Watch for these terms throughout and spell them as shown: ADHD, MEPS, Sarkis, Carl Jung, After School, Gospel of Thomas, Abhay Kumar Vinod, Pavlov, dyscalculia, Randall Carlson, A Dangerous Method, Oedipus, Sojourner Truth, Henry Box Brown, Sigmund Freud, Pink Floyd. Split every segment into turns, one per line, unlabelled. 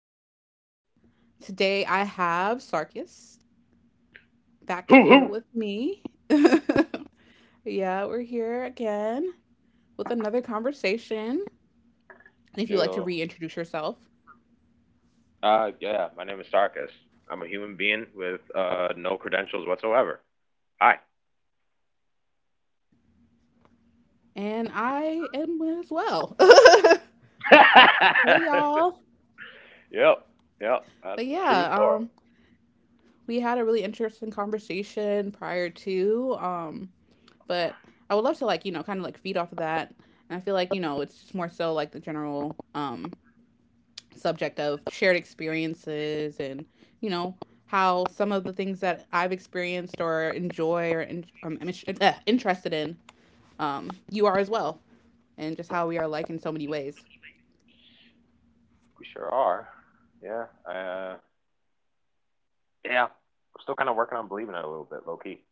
episode. Today I have Sarkis back
Hoo hoo.
here with me. Yeah, we're here again with another conversation. And if you'd like to
Yo.
reintroduce yourself,
Yeah, my name is Sarkis. I'm a human being with no credentials whatsoever. Hi.
and I am as well. Hey, y'all.
Yep. Yep. That's
But
the truth.
yeah,
Or
we had a really interesting conversation prior to, but I would love to like kind of like feed off of that. And I feel like it's just more so like the general subject of shared experiences and you know how some of the things that I've experienced or enjoy or interested in, you are as well, and just how we are alike in so many ways.
we sure are. Yeah. uh, yeah, I'm still kind of working on believing it a little bit, low key.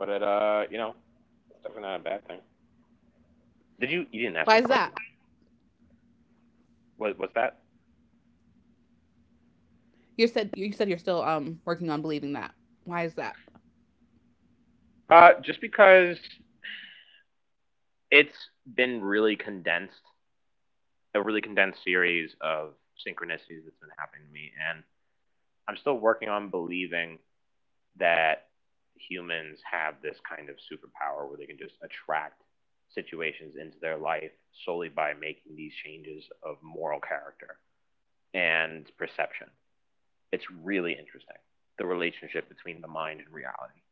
But you know, it's definitely not a bad thing. Did you? You didn't ask
Why
me a
is
question.
that?
What's that?
You said you're still working on believing that. Why is that?
Just because it's been really condensed, a really condensed series of synchronicities that's been happening to me, and I'm still working on believing that humans have this kind of superpower where they can just attract situations into their life solely by making these changes of moral character and perception. It's really interesting, the relationship between the mind and reality.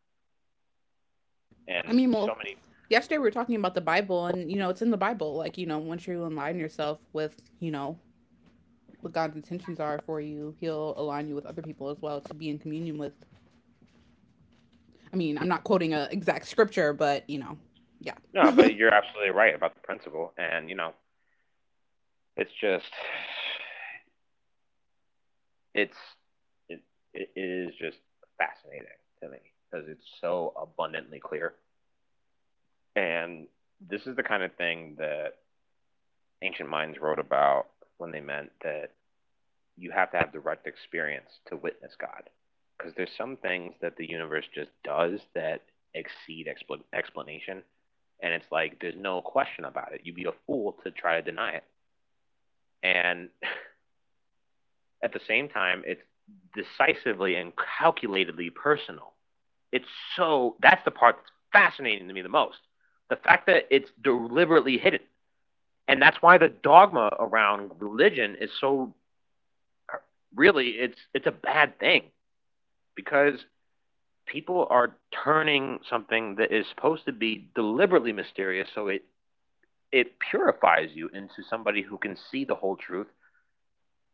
I
And
mean,
so
well,
many,
yesterday we were talking about the Bible, and it's in the Bible. Like, once you align yourself with what God's intentions are for you, He'll align you with other people as well to be in communion with. I mean, I'm not quoting a exact scripture, but yeah.
no, but
And
you're absolutely right about the principle. And you know, it's just, it's it, it is just fascinating to me because it's so abundantly clear. And this is the kind of thing that ancient minds wrote about when they meant that you have to have direct experience to witness God. Because there's some things that the universe just does that exceed explanation. And it's like, there's no question about it. You'd be a fool to try to deny it. And at the same time, it's decisively and calculatedly personal. It's, so that's the part that's fascinating to me the most. The fact that it's deliberately hidden, and that's why the dogma around religion is so, really it's a bad thing, because people are turning something that is supposed to be deliberately mysterious, so it purifies you into somebody who can see the whole truth,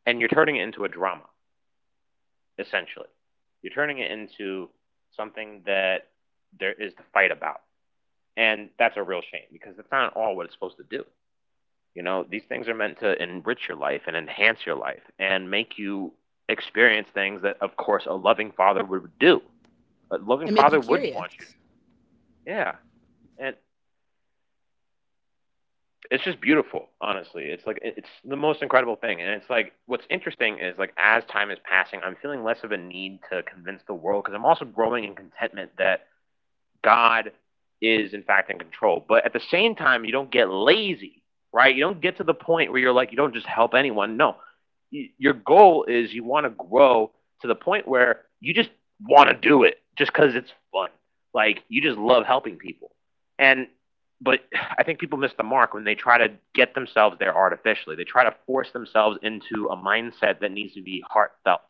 and you're turning it into a drama, essentially. You're turning it into something that there is to fight about. And that's a real shame because that's not at all what it's supposed to do. You know, these things are meant to enrich your life and enhance your life and make you experience things that, of course, a loving father would do. A loving
make
father
you
would want you.
curious.
Yeah. And it's just beautiful, honestly. It's like, it's the most incredible thing. And it's like, what's interesting is, like, as time is passing, I'm feeling less of a need to convince the world because I'm also growing in contentment that God is in fact in control. But at the same time, you don't get lazy, right? You don't get to the point where you're like, you don't just help anyone. No, your goal is you want to grow to the point where you just want to do it just because it's fun. Like you just love helping people. And but I think people miss the mark when they try to get themselves there artificially. They try to force themselves into a mindset that needs to be heartfelt,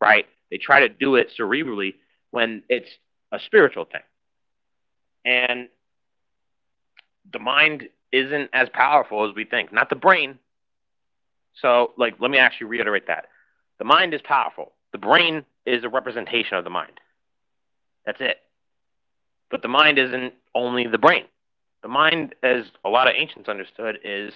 right? They try to do it cerebrally when it's a spiritual thing, and the mind isn't as powerful as we think. Not the brain. So, like, let me actually reiterate that. The mind is powerful. The brain is a representation of the mind. That's it. But the mind isn't only the brain. The mind, as a lot of ancients understood, is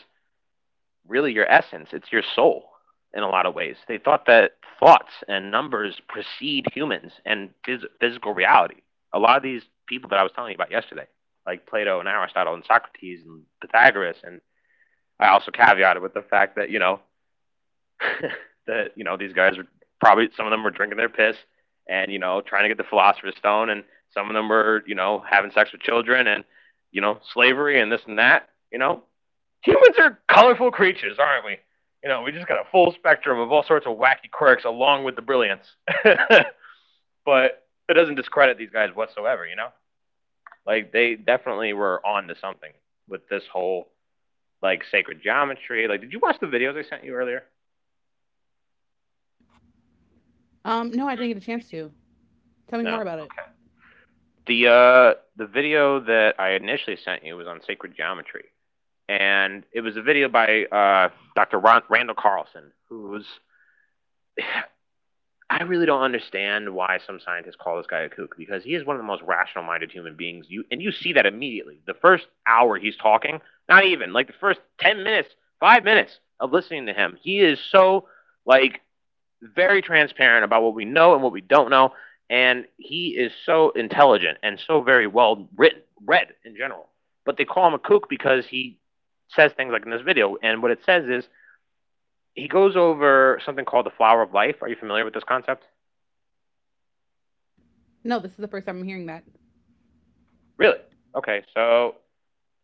really your essence. It's your soul, in a lot of ways. They thought that thoughts and numbers precede humans and physical reality. A lot of these people that I was telling you about yesterday, like Plato and Aristotle and Socrates and Pythagoras. And I also caveated with the fact that, you know, that you know, these guys were, probably some of them were drinking their piss, and you know, trying to get the philosopher's stone, and some of them were, you know, having sex with children, and you know, slavery and this and that. You know, humans are colorful creatures, aren't we? You know, we just got a full spectrum of all sorts of wacky quirks along with the brilliance. But it doesn't discredit these guys whatsoever, you know, like they definitely were on to something with this whole, like, sacred geometry. Like, did you watch the videos I sent you earlier?
No, I didn't get a chance to. Tell me more
No.
about it.
The video that I initially sent you was on sacred geometry, and it was a video by Dr. Randall Carlson, who's I really don't understand why some scientists call this guy a kook, because he is one of the most rational-minded human beings. You, and you see that immediately. The first hour he's talking, not even like the first 10 minutes, 5 minutes of listening to him, he is so, like, very transparent about what we know and what we don't know, and he is so intelligent and so very well written, read in general. But they call him a kook because he says things like in this video, and what it says is he goes over something called the flower of life. Are you familiar with this concept?
No, this is the first time I'm hearing that.
Really? Okay, so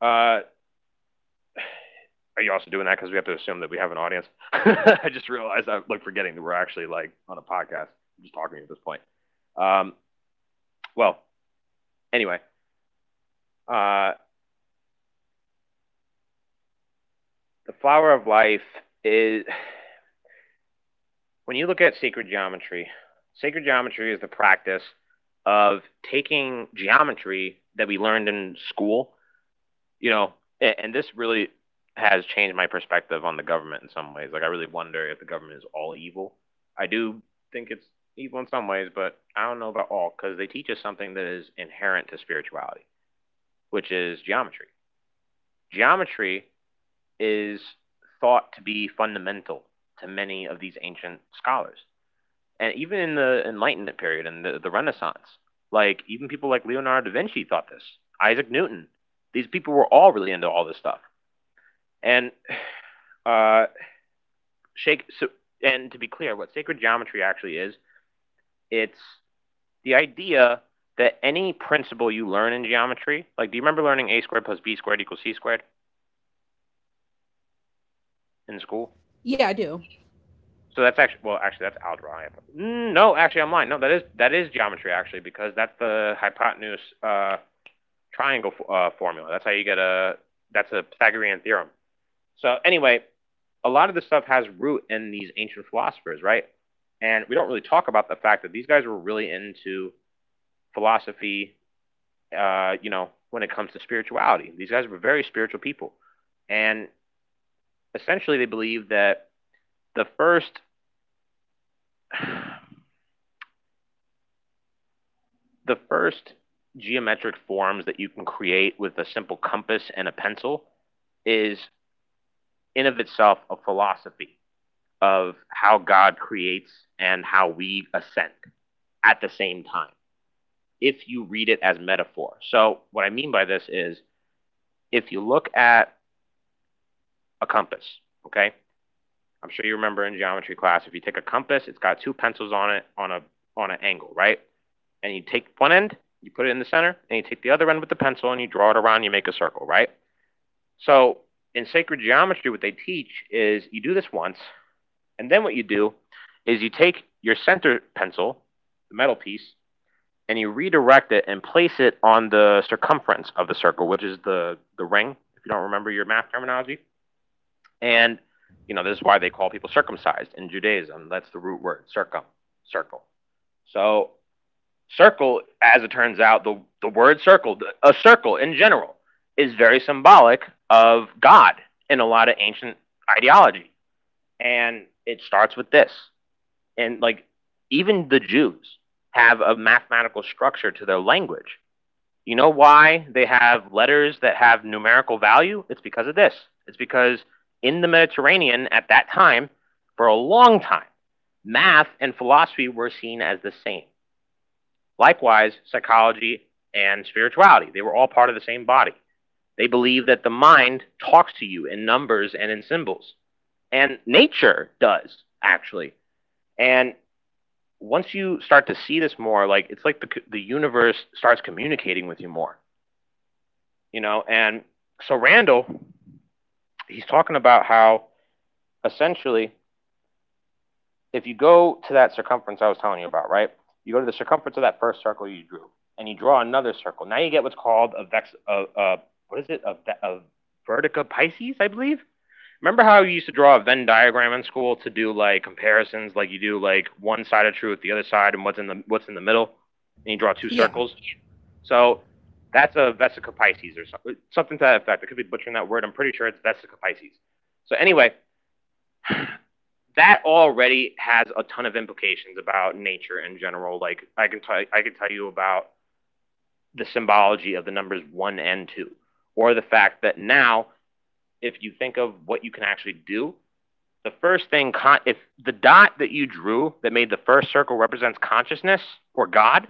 uh, are you also doing that because we have to assume that we have an audience? I just realized I'm like forgetting that we're actually like on a podcast, I'm just talking at this point. Um, well, anyway, uh, the flower of life is, when you look at sacred geometry is the practice of taking geometry that we learned in school, you know, and this really has changed my perspective on the government in some ways. Like I really wonder if the government is all evil. I do think it's evil in some ways, but I don't know about all, because they teach us something that is inherent to spirituality, which is geometry. Geometry is thought to be fundamental to many of these ancient scholars, and even in the Enlightenment period and the Renaissance, like even people like Leonardo da Vinci thought this. Isaac Newton, these people were all really into all this stuff. And uh, shake. So, and to be clear, what sacred geometry actually is, it's the idea that any principle you learn in geometry, like do you remember learning a squared plus b squared equals c squared in school?
Yeah, I do.
So that's actually, well, actually that's algebra. Mm, no, actually I'm lying. No, that is, that is geometry actually, because that's the hypotenuse triangle formula. That's how you get a, that's a Pythagorean theorem. So anyway, a lot of this stuff has root in these ancient philosophers, right? And we don't really talk about the fact that these guys were really into philosophy. You know, when it comes to spirituality, these guys were very spiritual people, and essentially they believed that the first the first geometric forms that you can create with a simple compass and a pencil is, in of itself, a philosophy of how God creates and how we ascend at the same time, if you read it as metaphor. So what I mean by this is, if you look at a compass, okay? I'm sure you remember in geometry class, if you take a compass, it's got 2 pencils on it on a, on an angle, right? And you take 1 end, you put it in the center, and you take the other end with the pencil and you draw it around, you make a circle, right? So in sacred geometry, what they teach is you do this once, and then what you do is you take your center pencil, the metal piece, and you redirect it and place it on the circumference of the circle, which is the ring, if you don't remember your math terminology. And, you know, this is why they call people circumcised in Judaism. That's the root word, circum, circle. So circle, as it turns out, the word circle, a circle in general, is very symbolic of God in a lot of ancient ideology. And it starts with this. And like, even the Jews have a mathematical structure to their language. You know why they have letters that have numerical value? It's because of this. It's because in the Mediterranean at that time, for a long time, math and philosophy were seen as the same. Likewise, psychology and spirituality, they were all part of the same body. They believe that the mind talks to you in numbers and in symbols, and nature does, actually. And once you start to see this more, like it's like the universe starts communicating with you more, you know? And so Randall, he's talking about how, essentially, if you go to that circumference I was telling you about, right? You go to the circumference of that first circle you drew, and you draw another circle. Now you get what's called a vex, a what is it, a, ve- a vertica Pisces, I believe. Remember how you used to draw a Venn diagram in school to do like comparisons, like you do like one side of truth, the other side, and what's in the middle, and you draw two
Yeah.
circles. So that's a vesica Pisces or something, something to that effect. I could be butchering that word. I'm pretty sure it's vesica Pisces. So anyway, that already has a ton of implications about nature in general. Like I can tell you about the symbology of the numbers one and two, or the fact that now if you think of what you can actually do, the first thing con- if the dot that you drew that made the first circle represents consciousness or God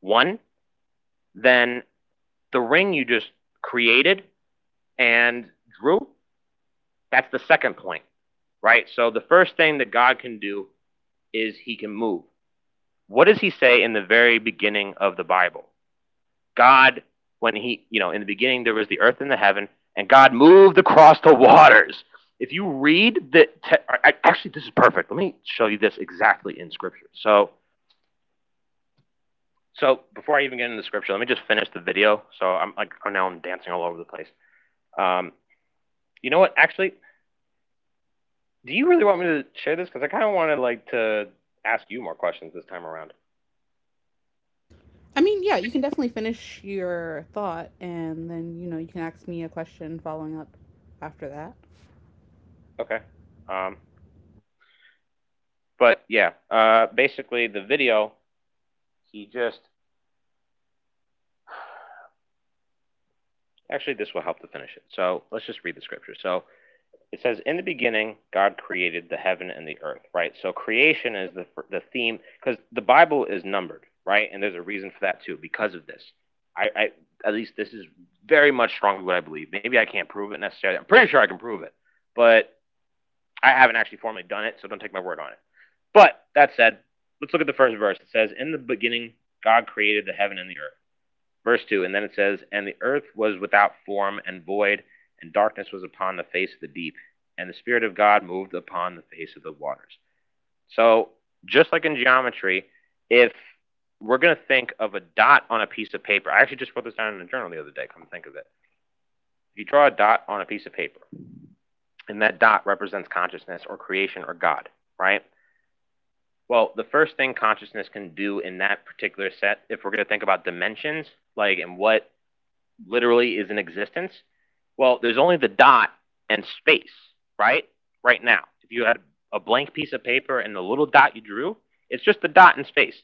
one, then the ring you just created and drew, that's the second point, right? So the first thing that God can do is He can move. What does he say in the very beginning of the Bible? God, when he, you know, in the beginning there was the earth and the heaven, and God moved across the waters. If you read the, te- Actually, this is perfect. Let me show you this exactly in Scripture. So, before I even get into Scripture, let me just finish the video. So I'm like, oh, now I'm dancing all over the place. Um, you know what? Actually, do you really want me to share this? Because I kind of wanted like to ask you more questions this time around.
I mean, yeah, you can definitely finish your thought and then, you can ask me a question following up after that.
Okay. Um, but yeah, basically the video He just Actually, this will help to finish it. So let's just read the scripture. So it says, "In the beginning, God created the heaven and the earth." Right. So creation is the theme because the Bible is numbered, right? And there's a reason for that too. Because of this, I at least this is very much strongly what I believe. Maybe I can't prove it necessarily. I'm pretty sure I can prove it, but I haven't actually formally done it, so don't take my word on it. But that said, let's look at the first verse. It says, "In the beginning, God created the heaven and the earth." Verse 2, and then it says, "And the earth was without form and void, and darkness was upon the face of the deep, and the Spirit of God moved upon the face of the waters." So, just like in geometry, if we're going to think of a dot on a piece of paper, I actually just wrote this down in a journal the other day, come to think of it. If you draw a dot on a piece of paper, and that dot represents consciousness or creation or God, right? Well, the first thing consciousness can do in that particular set, if we're going to think about dimensions, like and what literally is in existence? Well, there's only the dot and space, right? Right now. If you had a blank piece of paper and the little dot you drew, it's just the dot and space.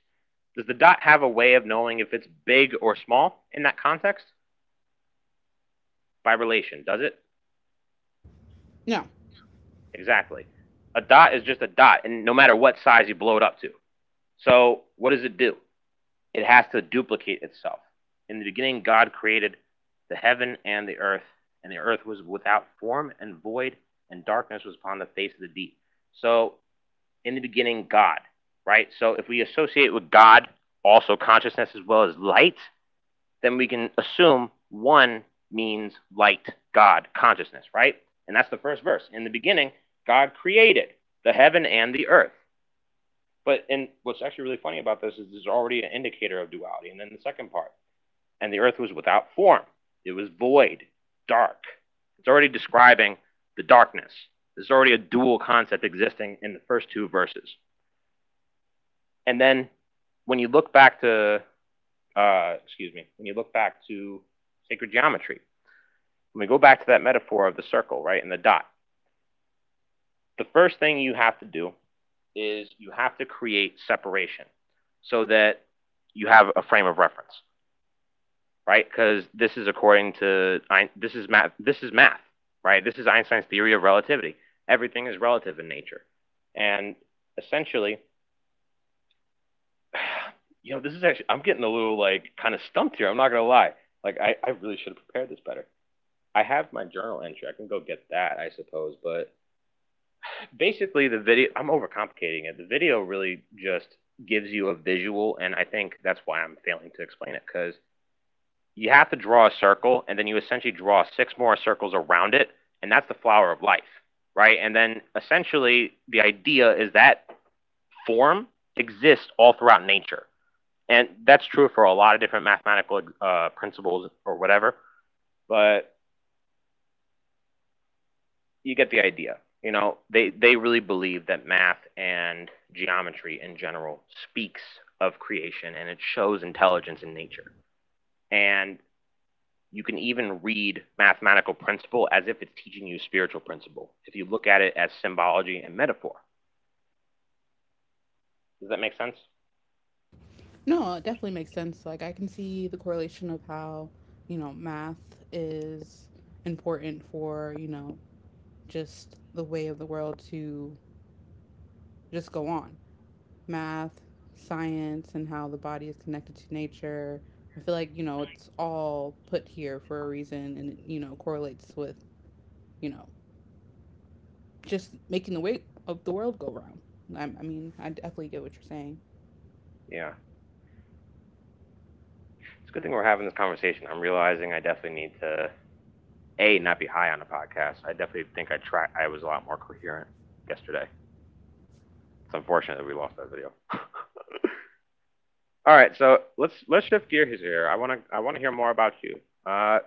Does the dot have a way of knowing if it's big or small in that context? By relation, does it?
No.
Exactly. A dot is just a dot, and no matter what size you blow it up to. So, what does it do? It has to duplicate itself. In the beginning, God created the heaven and the earth was without form and void, and darkness was upon the face of the deep. So, in the beginning, God, right? So, if we associate with God also consciousness as well as light, then we can assume one means light, God, consciousness, right? And that's the first verse. In the beginning, God created the heaven and the earth. But and what's actually really funny about this is there's already an indicator of duality. And then the second part, and the earth was without form. It was void, dark. It's already describing the darkness. There's already a dual concept existing in the first two verses. And then when you look back to, excuse me, when you look back to sacred geometry, when we go back to that metaphor of the circle, right, and the dot, the first thing you have to do is you have to create separation so that you have a frame of reference, right? Because this is according to this is math. This is math, right? This is Einstein's theory of relativity. Everything is relative in nature, and essentially, this is actually I'm getting a little like kind of stumped here. I'm not gonna lie. Like I really should have prepared this better. I have my journal entry. I can go get that, I suppose. But basically, the video I'm overcomplicating it. The video really just gives you a visual, and I think that's why I'm failing to explain it because you have to draw a circle and then you essentially draw six more circles around it, and that's the flower of life, right? And then essentially the idea is that form exists all throughout nature, and that's true for a lot of different mathematical principles or whatever. But you get the idea, you know, they really believe that math and geometry in general speaks of creation and it shows intelligence in nature, and you can even read mathematical principle as if it's teaching you spiritual principle if you look at it as symbology and metaphor. Does that make sense?
No, it definitely makes sense. Like I can see the correlation of how, math is important for, just the way of the world to just go on. Math, science, and how the body is connected to nature. I feel like, it's all put here for a reason and it, correlates with, you know, just making the weight of the world go round. I mean, I definitely get what you're saying.
Yeah. It's a good thing we're having this conversation. I'm realizing I definitely need to a not be high on a podcast. I definitely think I was a lot more coherent yesterday. It's unfortunate that we lost that video. All right, so let's shift gears here. I want to hear more about you. Uh,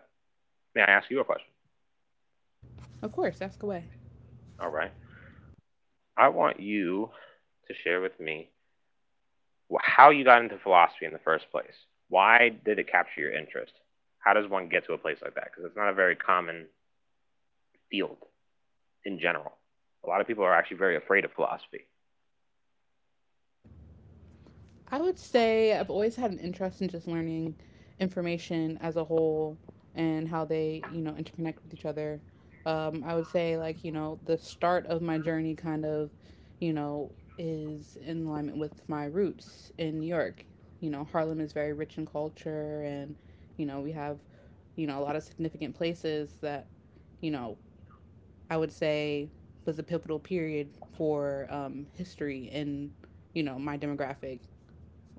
may I ask you a question?
Of course, ask away.
All right. I want you to share with me how you got into philosophy in the first place. Why did it capture your interest? How does one get to a place like that? Because it's not a very common field in general. A lot of people are actually very afraid of philosophy.
I would say I've always had an interest in just learning information as a whole and how they, interconnect with each other. I would say, like, the start of my journey kind of, you know, is in alignment with my roots in New York. Harlem is very rich in culture, and, we have, a lot of significant places that, you know, I would say was a pivotal period for history in, my demographic,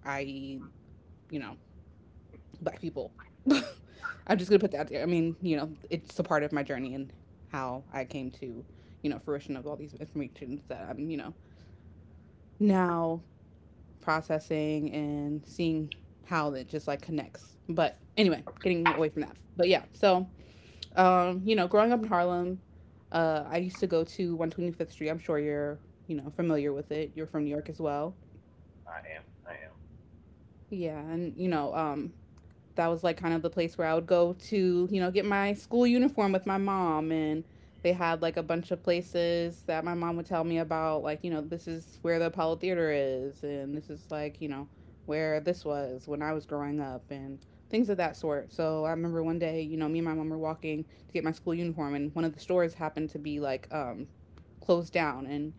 i.e., you know, black people. I'm just gonna put that out there. I mean, it's a part of my journey and how I came to, fruition of all these informations that I'm, now processing and seeing how it just like connects. But anyway, getting away from that. But yeah, so growing up in Harlem, I used to go to 125th Street. I'm sure you're, familiar with it. You're from New York as well. Yeah, and that was like kind of the place where I would go to, get my school uniform with my mom, and they had like a bunch of places that my mom would tell me about, like, this is where the Apollo Theater is, and this is like, where this was when I was growing up and things of that sort. So I remember one day, me and my mom were walking to get my school uniform, and one of the stores happened to be like closed down. And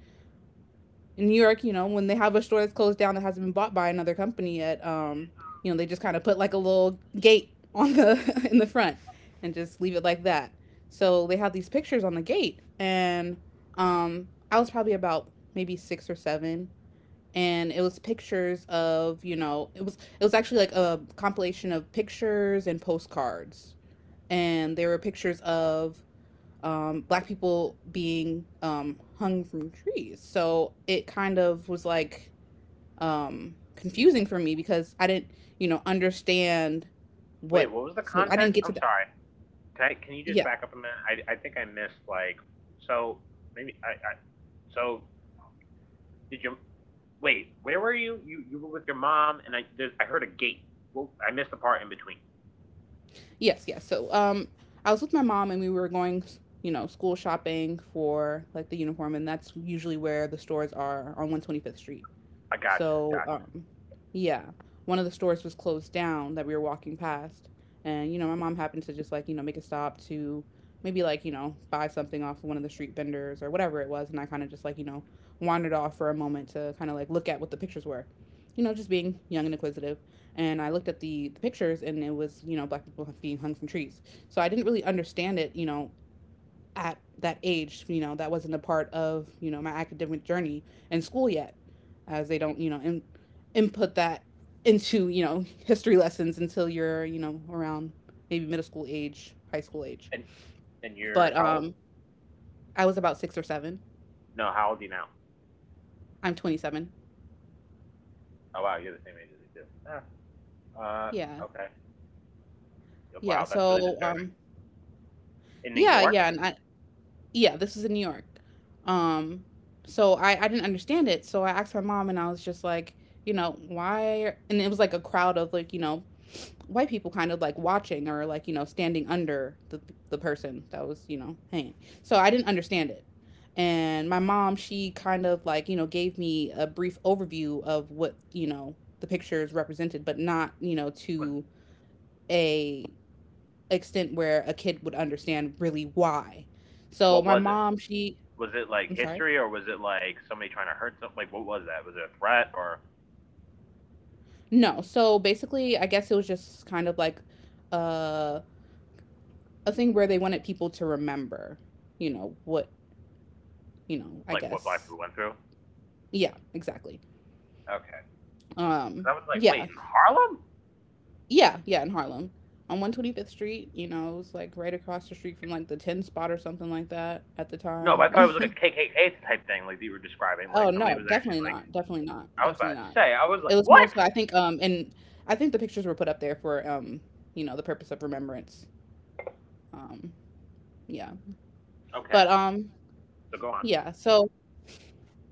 in New York, when they have a store that's closed down that hasn't been bought by another company yet, they just kind of put like a little gate on the in the front and just leave it like that. So they had these pictures on the gate, and I was probably about maybe six or seven, and it was pictures of, you know it was actually like a compilation of pictures and postcards, and there were pictures of black people being hung from trees. So it kind of was like confusing for me, because I didn't, understand
Wait,
what.
what was the
Like, I didn't
context?
get to
I'm
that.
sorry. Can you just
Yeah,
back up a minute? I think I missed like so maybe I so did you wait? Where were you? You were with your mom and I there's, I heard a gate. Well, I missed the part in between.
yes, yes. So I was with my mom and we were going, school shopping for like the uniform, and that's usually where the stores are on 125th Street.
I gotcha,
So,
gotcha.
yeah, one of the stores was closed down that we were walking past. And, my mom happened to just, like, make a stop to maybe, like, buy something off of one of the street vendors or whatever it was. And I kind of just, like, wandered off for a moment to kind of like look at what the pictures were. Just being young and inquisitive. And I looked at the pictures, and it was, black people being hung from trees. So I didn't really understand it, at that age. That wasn't a part of, my academic journey in school yet, as they don't, input that into, history lessons until you're, around maybe middle school age, high school age.
And and you're
But
how old?
I was about six or seven.
No, how old are you now?
I'm 27.
Oh wow, you're the same age as me too. Ah, Uh,
Yeah,
okay. Yeah,
yeah.
wow, that's really
So
disturbing. In New
yeah,
York,
yeah, and yeah, this is in New York. Um, so I didn't understand it. So I asked my mom, and I was just like, why? And it was like a crowd of like white people kind of like watching, or like standing under the person that was hanging. So I didn't understand it. And my mom, she kind of like gave me a brief overview of what the pictures represented, but not
was
to a extent where a kid would understand really why. So
what
my
was it?
mom, she—
Was it like
I'm sorry.
history, or was it like somebody trying to hurt something? Like, what was that? Was it a threat, or
No, so basically, I guess it was just kind of like uh, a thing where they wanted people to remember, what, I
like what black
guess.
people went through?
Yeah, exactly.
Okay. 'Cause I was like,
Yeah,
wait, in Harlem?
yeah, yeah, in Harlem. On 125th Street, it was like right across the street from like the 10 spot or something like that at the
No, but I thought
time.
it was like a KKK type thing, like that you were describing.
Oh,
Like somebody
no,
was
definitely
actually like,
not. Definitely not.
I was
Definitely
about to
not.
say, I was
It
like,
was more
what?
so, I think, and I think the pictures were put up there for, the purpose of remembrance. Um, yeah.
Okay,
But,
so go on.
yeah, so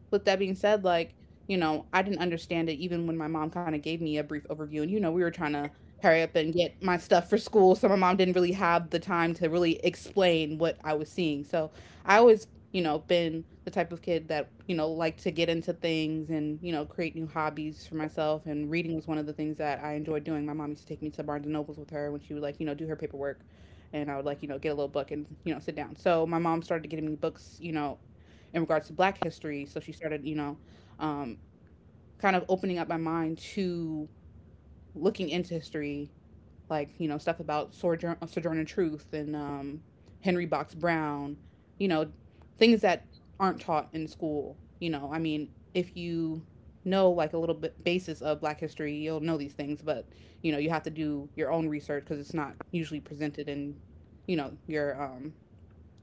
with that being said, like, I didn't understand it even when my mom kind of gave me a brief overview. And, we were trying to hurry up and get my stuff for school. So my mom didn't really have the time to really explain what I was seeing. So I always, been the type of kid that, liked to get into things and, create new hobbies for myself. And reading was one of the things that I enjoyed doing. My mom used to take me to Barnes and Nobles with her when she would, like, do her paperwork. And I would, like, get a little book and, sit down. So my mom started getting me books, in regards to black history. So she started, um, kind of opening up my mind to looking into history, like stuff about Sojourner Truth, and Henry Box Brown, you know things that aren't taught in school. I mean, if like a little bit basis of black history, you'll know these things. But you have to do your own research, because it's not usually presented in you know your um,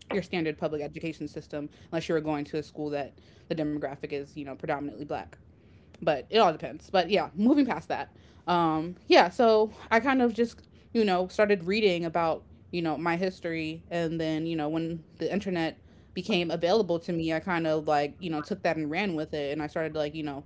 your standard public education system, unless you're going to a school that the demographic is predominantly black. But it all depends. But yeah, moving past that. Yeah, so I kind of just, started reading about my history. And then when the internet became available to me, I kind of like took that and ran with it. And I started, like,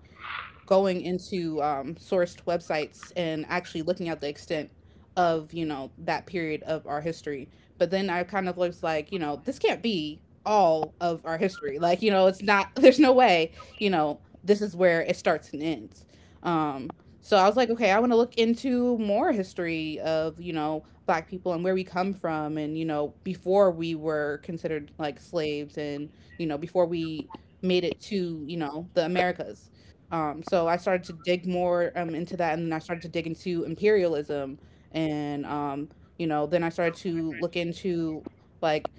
going into sourced websites and actually looking at the extent of that period of our history. But then I kind of was like, this can't be all of our history. Like, it's not there's no way this is where it starts and ends. um so I was like, okay, I want to look into more history of black people, and where we come from, and before we were considered like slaves, and before we made it to the Americas. So I started to dig more into that, and then I started to dig into imperialism, and then I started to look into like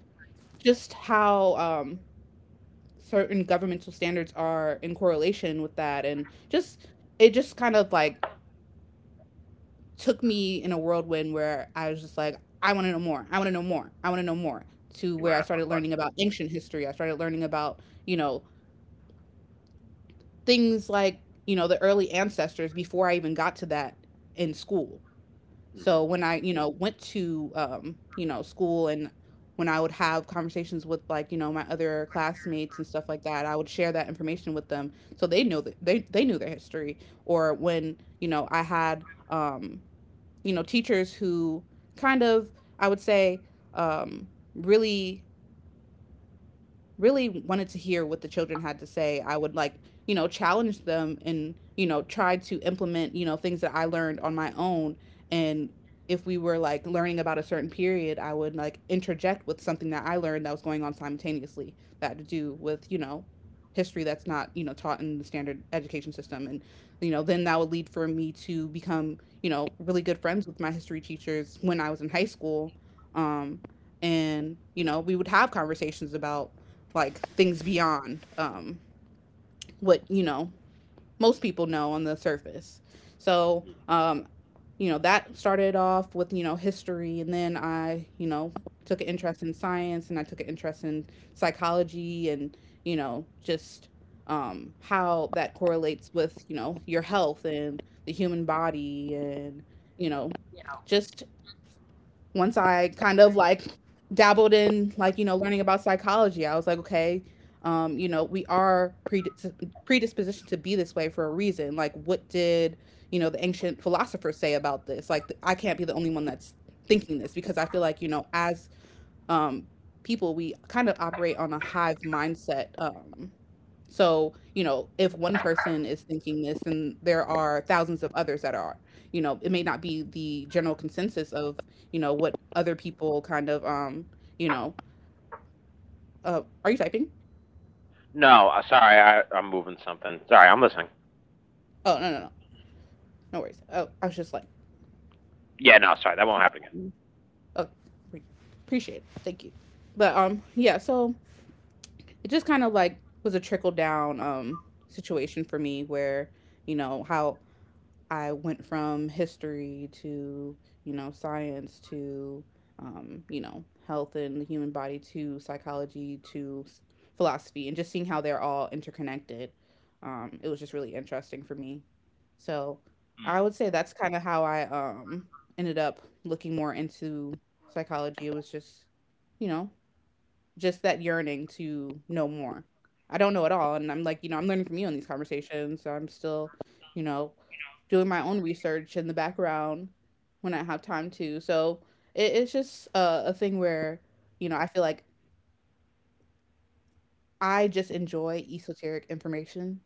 just how certain governmental standards are in correlation with that, and just it just kind of like took me in a whirlwind where I was just like, I want to know more, I want to know more, I want to know more. To
You want
where
to
I
ask my
started learning
question?
about ancient history, I started learning about you know things like the early ancestors before I even got to that in school.
Mm-hmm.
So when I, went to school, and when I would have conversations with like, my other classmates and stuff like that, I would share that information with them so they know that they knew their history. Or when, I had teachers who kind of, I would say, um, really really wanted to hear what the children had to say. I would like, challenge them and, try to implement, things that I learned on my own. And if we were like learning about a certain period, I would like interject with something that I learned that was going on simultaneously that had to do with, history that's not, taught in the standard education system. And, then that would lead for me to become, really good friends with my history teachers when I was in high school. Um, and we would have conversations about like things beyond what most people know on the surface. So that started off with history, and then I took an interest in science, and I took an interest in psychology, and you know just how that correlates with your health and the human body, and you know just once I kind of like dabbled in like learning about psychology, I was like, okay, we are predispositioned to be this way for a reason. Like, what did the ancient philosophers say about this? Like, I can't be the only one that's thinking this, because I feel like as um, people we kind of operate on a hive mindset. So, if one person is thinking this, then there are thousands of others that are. It may not be the general consensus of, what other people kind of, you know, are you typing?
No, sorry, I'm moving something. Sorry, I'm listening.
Oh, no, no, no. No worries. Oh, I was just like,
Yeah, no, sorry, that won't happen again.
trying- oh, pre- appreciate it. Thank you. But, yeah, so it just kind of like was a trickle down, situation for me where, how I went from history to, science to, health and the human body to psychology to philosophy and just seeing how they're all interconnected. It was just really interesting for me. So
Mm.
I would say that's kind of how I ended up looking more into psychology. It was just, you know, just that yearning to know more. I don't know it all. And I'm like, I'm learning from you in these conversations. So I'm still, you know, doing my own research in the background when I have time to. So it's just a thing where, I feel like I just enjoy esoteric information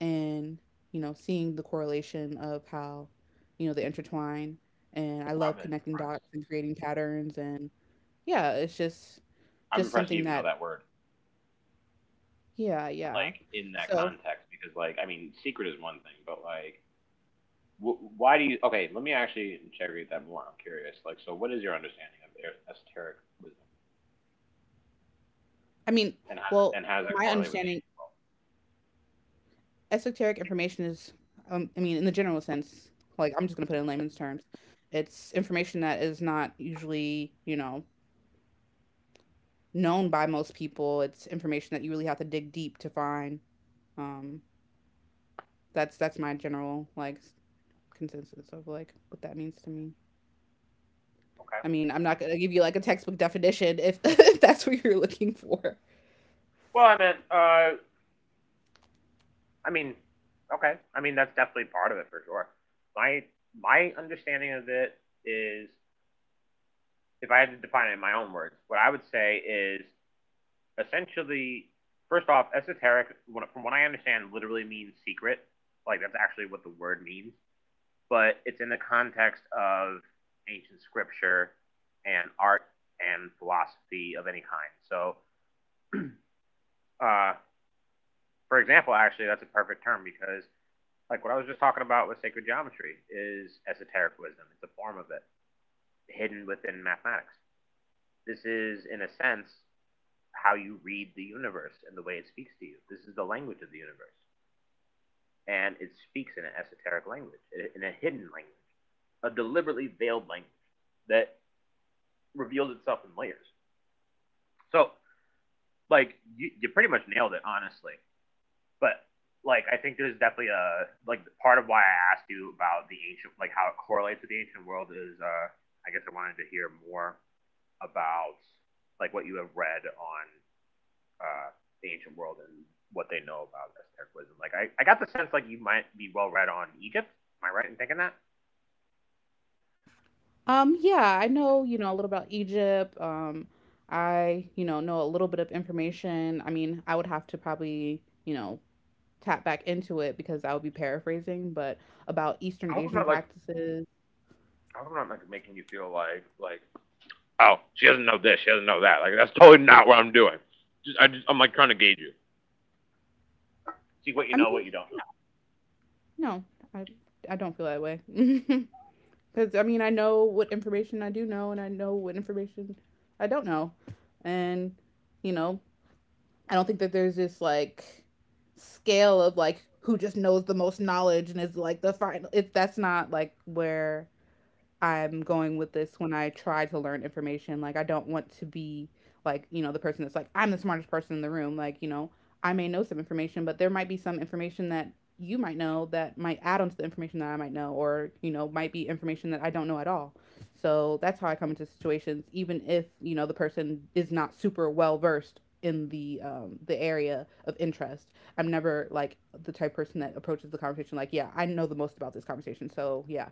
and, seeing the correlation of how, they intertwine. And I
I'm
love connecting
impressed.
dots and creating patterns. And yeah, it's
I'm
just
impressed you
something
even know
that,
that word.
yeah, yeah.
Like in that
So
context because like I mean, secret is one thing, but like wh- why do you? Okay, let me actually interrogate that more. I'm curious. Like, so what is your understanding of esoteric wisdom,
I mean,
and how
well,
and how does it
my
correlate with the
understanding,
angels?
esoteric information is, I mean, in the general sense, like I'm just gonna put it in layman's terms, it's information that is not usually, known by most people. It's information that you really have to dig deep to find. Um, that's my general like, consensus of like what that means to me.
Okay.
I mean, I'm not gonna give you like a textbook definition if, if that's what you're looking for.
Well, I meant, I mean, okay. I mean, that's definitely part of it for sure. My my understanding of it is, if I had to define it in my own words, what I would say is essentially, first off, esoteric, from what I understand, literally means secret. Like that's actually what the word means. But it's in the context of ancient scripture and art and philosophy of any kind. So, uh, for example, actually, that's a perfect term because, like, what I was just talking about with sacred geometry is esoteric wisdom. It's a form of it hidden within mathematics. This is, in a sense, how you read the universe and the way it speaks to you. This is the language of the universe, and it speaks in an esoteric language, in a hidden language, a deliberately veiled language that reveals itself in layers. So like you pretty much nailed it, honestly. But like I think there's definitely a like part of why I asked you about the ancient like how it correlates with the ancient world is I guess I wanted to hear more about like what you have read on uh the ancient world and what they know about Aztec wisdom. Like I got the sense like you might be well read on Egypt. Am I right in thinking that?
Yeah, I know, a little about Egypt. I, know a little bit of information. I mean, I would have to probably, tap back into it, because I would be paraphrasing, but about Eastern
I hope I'm
Asian
not like
practices.
I hope I'm not like making you feel like oh, she doesn't know this, she doesn't know that. Like, that's totally not what I'm doing. Just I just I'm like trying to gauge you, see what you
I
know, what
mean,
you don't know.
no, I I don't feel that way. Because I mean, I know what information I do know, and I know what information I don't know. And, you know, I don't think that there's this like scale of like who just knows the most knowledge and is like the final. It That's not like where I'm going with this when I try to learn information. Like, I don't want to be like, the person that's like, I'm the smartest person in the room. Like, I may know some information, but there might be some information that you might know that might add on to the information that I might know, or, might be information that I don't know at all. So that's how I come into situations, even if, the person is not super well versed in the area of interest. I'm never like the type person that approaches the conversation like, yeah, I know the most about this conversation. So yeah,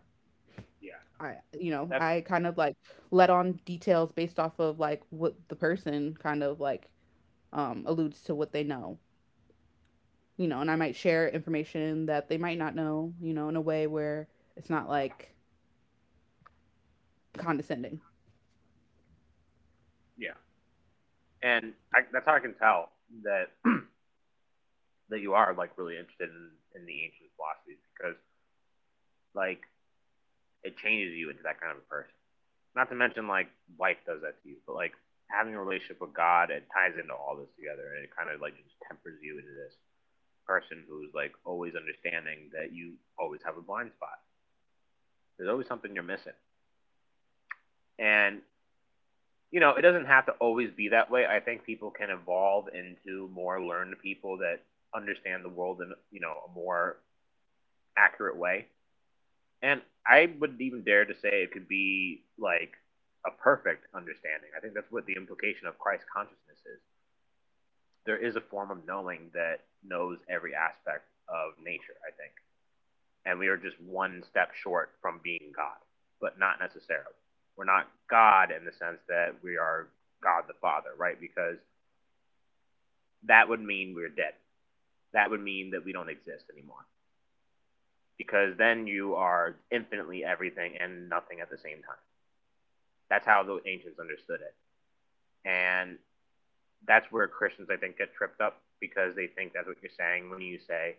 Yeah.
I, you know,
That's
I kind of like let on details based off of like what the person kind of like alludes to what they know, and I might share information that they might not know, in a way where it's not like condescending.
Yeah, that's how I can tell that that you are like really interested in, the ancient philosophies, because like it changes you into that kind of a person. Not to mention, like, life does that to you, but like, having a relationship with God, it ties into all this together, and it kind of like just tempers you into this person who's like always understanding that you always have a blind spot. There's always something you're missing, and it doesn't have to always be that way. I think people can evolve into more learned people that understand the world in a more accurate way. And I would even dare to say it could be like a perfect understanding. I think that's what the implication of Christ consciousness is. There is a form of knowing that knows every aspect of nature, I think. And we are just one step short from being God, but not necessarily. We're not God in the sense that we are God the Father, right? Because that would mean we're dead. That would mean that we don't exist anymore. Because then you are infinitely everything and nothing at the same time. That's how the ancients understood it. And that's where Christians, I think, get tripped up, because they think that's what you're saying when you say,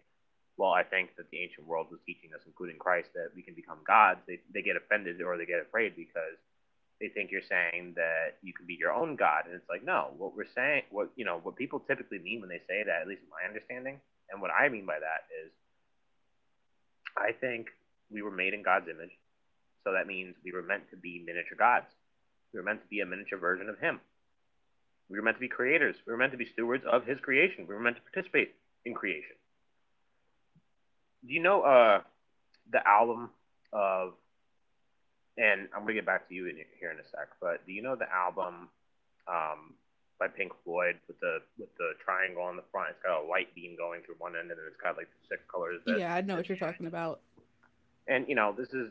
well, I think that the ancient world was teaching us, including Christ, that we can become gods. They get offended, or they get afraid, because they think you're saying that you can be your own god. And it's like, no, what we're saying, what people typically mean when they say that, at least in my understanding, and what I mean by that is, I think we were made in God's image, so that means we were meant to be miniature gods. We were meant to be a miniature version of Him. We were meant to be creators. We were meant to be stewards of His creation. We were meant to participate in creation. Do you know the album of, and I'm going to get back to you in here in a sec, but do you know the album um, by Pink Floyd with the triangle on the front? It's got a light beam going through one end, and then it's got like the six colors that
Yeah, I know
it's
what you're talking about.
and you know, this is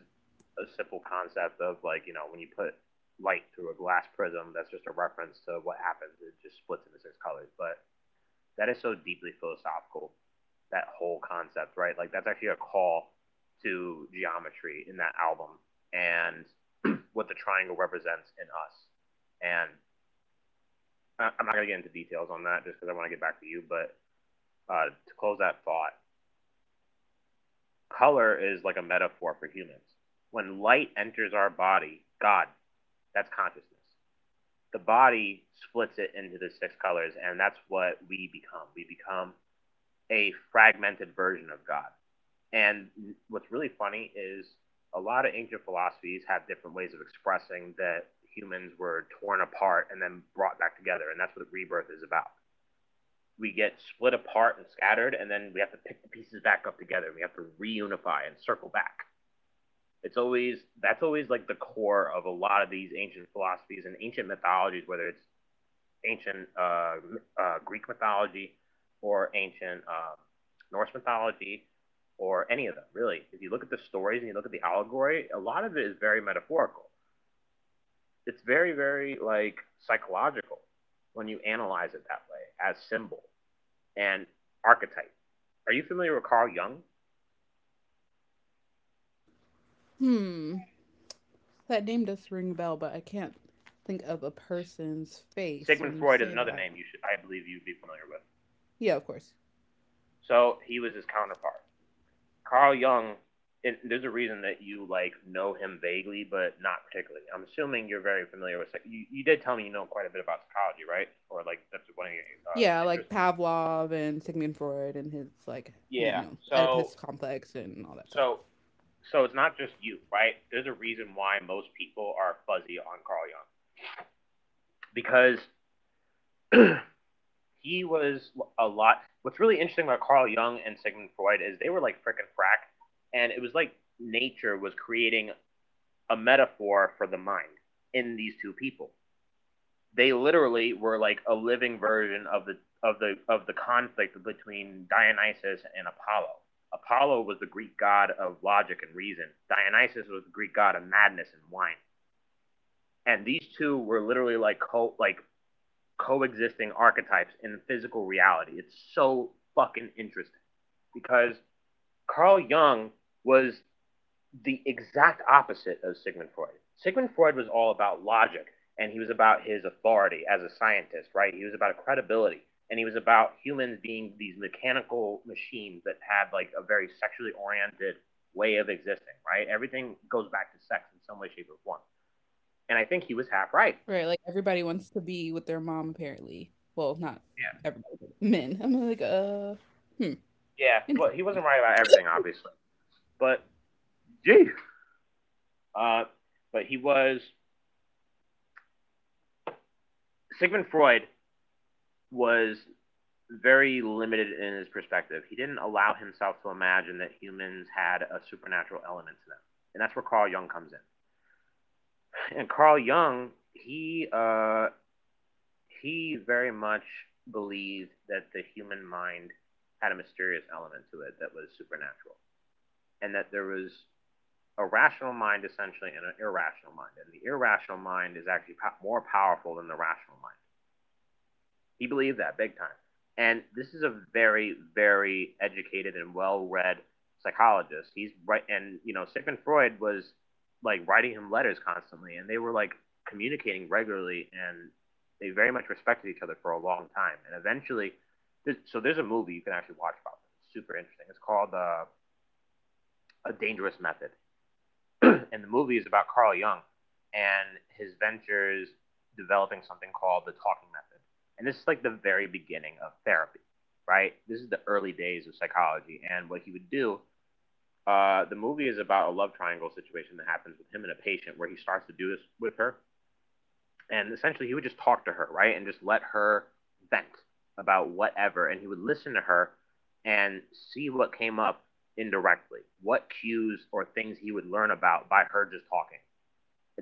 a simple concept of, like, when you put light through a glass prism. That's just a reference to what happens. It just splits into six colors. But that is so deeply philosophical, that whole concept, right? Like, that's actually a call to geometry in that album and what the triangle represents in us. And I am not going to get into details on that, just because I want to get back to you, but to close that thought, color is like a metaphor for humans. When light enters our body, God. That's consciousness. The body splits it into the six colors, and that's what we become. We become a fragmented version of God. And what's really funny is, a lot of ancient philosophies have different ways of expressing that humans were torn apart and then brought back together, and that's what rebirth is about. We get split apart and scattered, and then we have to pick the pieces back up together. We have to reunify and circle back. It's always that's always like the core of a lot of these ancient philosophies and ancient mythologies, whether it's ancient Greek mythology or ancient Norse mythology, or any of them, really. If you look at the stories and you look at the allegory, a lot of it is very metaphorical. It's very, very like psychological when you analyze it that way, as symbol and archetype. Are you familiar with Carl Jung?
Hmm. That name does ring a bell, but I can't think of a person's face when
Sigmund
you
Freud
say
is another
that.
name you should, I believe, you'd be familiar with.
Yeah, of course.
So he was his counterpart, Carl Jung, and there's a reason that you like know him vaguely, but not particularly. I'm assuming you're very familiar with. You did tell me you know quite a bit about psychology, right? Or like, that's one of your
Yeah, like
interests.
Pavlov and Sigmund Freud and his like
Yeah.
Oedipus
So
complex and all that stuff.
so so it's not just you, right? There's a reason why most people are fuzzy on Carl Jung, because he was a lot. What's really interesting about Carl Jung and Sigmund Freud is, they were like frickin' frack, and it was like nature was creating a metaphor for the mind in these two people. They literally were like a living version of the conflict between Dionysus and Apollo. Apollo was the Greek god of logic and reason. Dionysus was the Greek god of madness and wine. And these two were literally like coexisting archetypes in physical reality. It's so fucking interesting because Carl Jung was the exact opposite of Sigmund Freud. Sigmund Freud was all about logic, and he was about his authority as a scientist, right? He was about credibility, and he was about humans being these mechanical machines that had like a very sexually oriented way of existing, right? Everything goes back to sex in some way, shape, or form. And I think he was half right.
Right, like everybody wants to be with their mom apparently. Well, not
Yeah.
everybody, but men. I'm like, hmm,
Yeah. Well, he
interesting.
wasn't right about everything, obviously. But, gee. Uh, but he was, Sigmund Freud was very limited in his perspective. He didn't allow himself to imagine that humans had a supernatural element to them, and that's where Carl Jung comes in. And Carl Jung, he very much believed that the human mind had a mysterious element to it that was supernatural, and that there was a rational mind essentially and an irrational mind, and the irrational mind is actually more powerful than the rational mind. He believed that big time. And this is a very, very educated and well-read psychologist. He's right, and Sigmund Freud was like writing him letters constantly, and they were like communicating regularly, and they very much respected each other for a long time. And eventually, so there's a movie you can actually watch about them. It's super interesting. It's called A Dangerous Method. And the movie is about Carl Jung and his ventures developing something called the talking method. And this is like the very beginning of therapy, right? This is the early days of psychology. And what he would do, the movie is about a love triangle situation that happens with him and a patient where he starts to do this with her. And essentially, he would just talk to her, right? And just let her vent about whatever. And he would listen to her and see what came up indirectly, what cues or things he would learn about by her just talking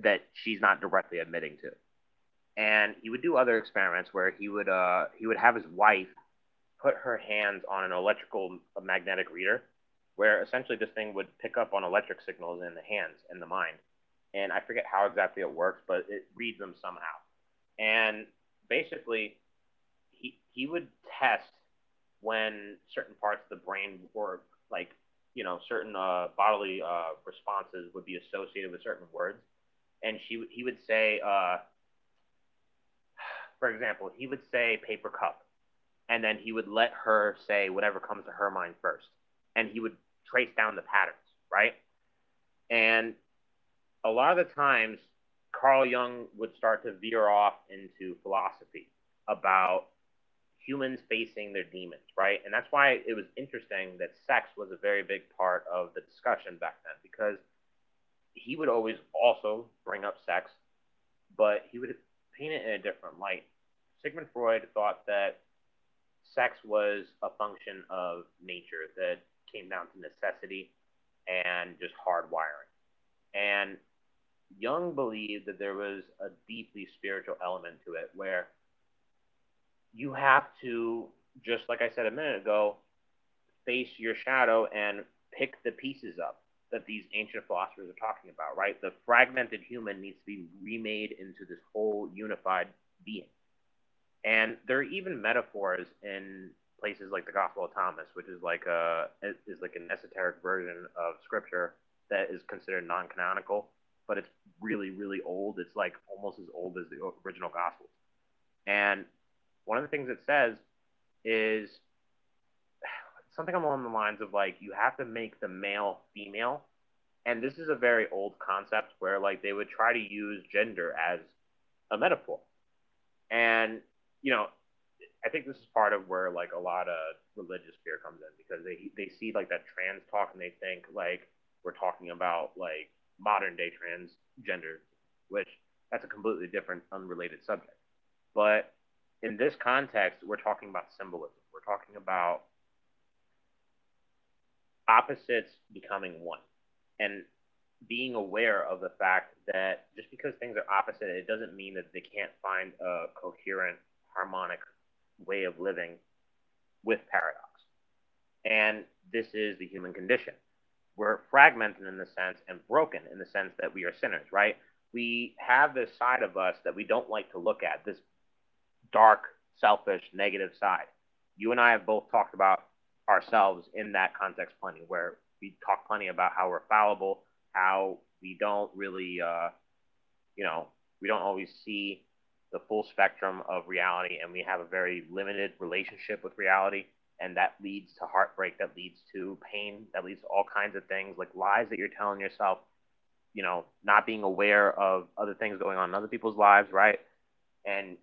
that she's not directly admitting to. And he would do other experiments where he would have his wife put her hands on an electrical magnetic reader, where essentially this thing would pick up on electric signals in the hands, in the mind. And I forget how exactly it works, but it reads them somehow. And basically, he would test when certain parts of the brain were like, certain bodily responses would be associated with certain words. And she he would say for example, he would say paper cup, and then he would let her say whatever comes to her mind first, and he would trace down the patterns, right? And a lot of the times, Carl Jung would start to veer off into philosophy about humans facing their demons, right? And that's why it was interesting that sex was a very big part of the discussion back then, because he would always also bring up sex, but he would paint it in a different light. Sigmund Freud thought that sex was a function of nature that came down to necessity and just hard wiring. And Jung believed that there was a deeply spiritual element to it, where you have to, just like I said a minute ago, face your shadow and pick the pieces up that these ancient philosophers are talking about, right? The fragmented human needs to be remade into this whole unified being. And there are even metaphors in places like the Gospel of Thomas, which is like an esoteric version of Scripture that is considered non-canonical, but it's really, really old. It's like almost as old as the original Gospels. And one of the things it says is something along the lines of like you have to make the male female, and this is a very old concept where like they would try to use gender as a metaphor. And you know, I think this is part of where like a lot of religious fear comes in because they see like that trans talk and they think like we're talking about like modern day transgender, which that's a completely different, unrelated subject. But in this context, we're talking about symbolism. We're talking about opposites becoming one, and being aware of the fact that just because things are opposite, it doesn't mean that they can't find a coherent, harmonic way of living with paradox. And this is the human condition. We're fragmented in the sense and broken in the sense that we are sinners, right? We have this side of us that we don't like to look at, this dark, selfish, negative side. You and I have both talked about ourselves in that context plenty, where we talk plenty about how we're fallible, how we don't really you know, we don't always see the full spectrum of reality, and we have a very limited relationship with reality, and that leads to heartbreak, that leads to pain, that leads to all kinds of things like lies that you're telling yourself, not being aware of other things going on in other people's lives, right? And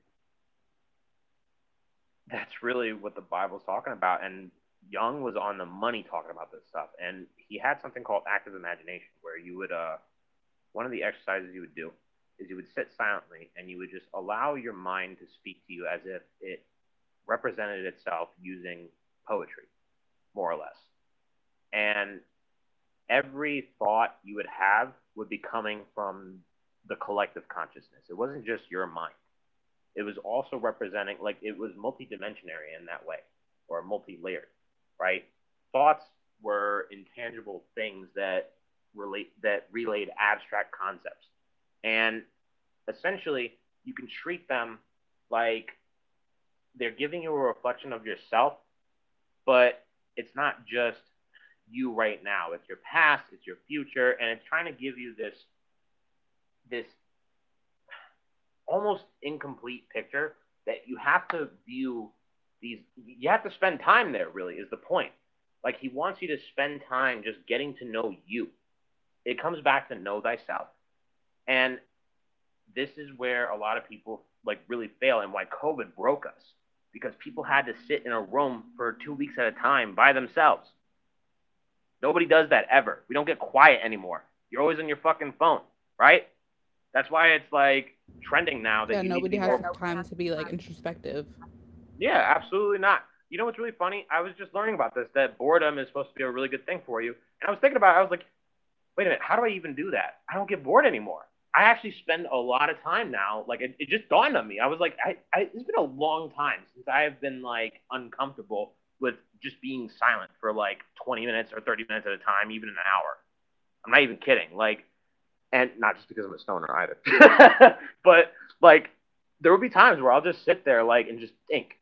that's really what the Bible's talking about. And Young was on the money talking about this stuff, and he had something called active imagination where you would one of the exercises you would do is you would sit silently and you would just allow your mind to speak to you as if it represented itself using poetry, more or less. And every thought you would have would be coming from the collective consciousness. It wasn't just your mind. It was also representing, like, it was multidimensionary in that way, or multi layered, right? Thoughts were intangible things that relate that relayed abstract concepts. And essentially you can treat them like they're giving you a reflection of yourself, but it's not just you right now. It's your past, it's your future, and it's trying to give you this almost incomplete picture that you have to view these you have to spend time there, really is the point. Like he wants you to spend time just getting to know you. It comes back to know thyself. And this is where a lot of people like really fail, and why COVID broke us because people had to sit in a room for 2 weeks at a time by themselves. Nobody does that ever. We don't get quiet anymore. You're always on your fucking phone, right? That's why it's like trending now that
Yeah,
you need to
nobody
be
has
more.
the time to be like introspective.
Yeah, absolutely not. You know what's really funny? I was just learning about this that boredom is supposed to be a really good thing for you. And I was thinking about it, I was like, wait a minute, how do I even do that? I don't get bored anymore. I actually spend a lot of time now. Like it just dawned on me. I was like, I it's been a long time since I have been like uncomfortable with just being silent for like 20 minutes or 30 minutes at a time, even an hour. I'm not even kidding. Like and not just because I'm a stoner either, but like there would be times where I'll just sit there like and just think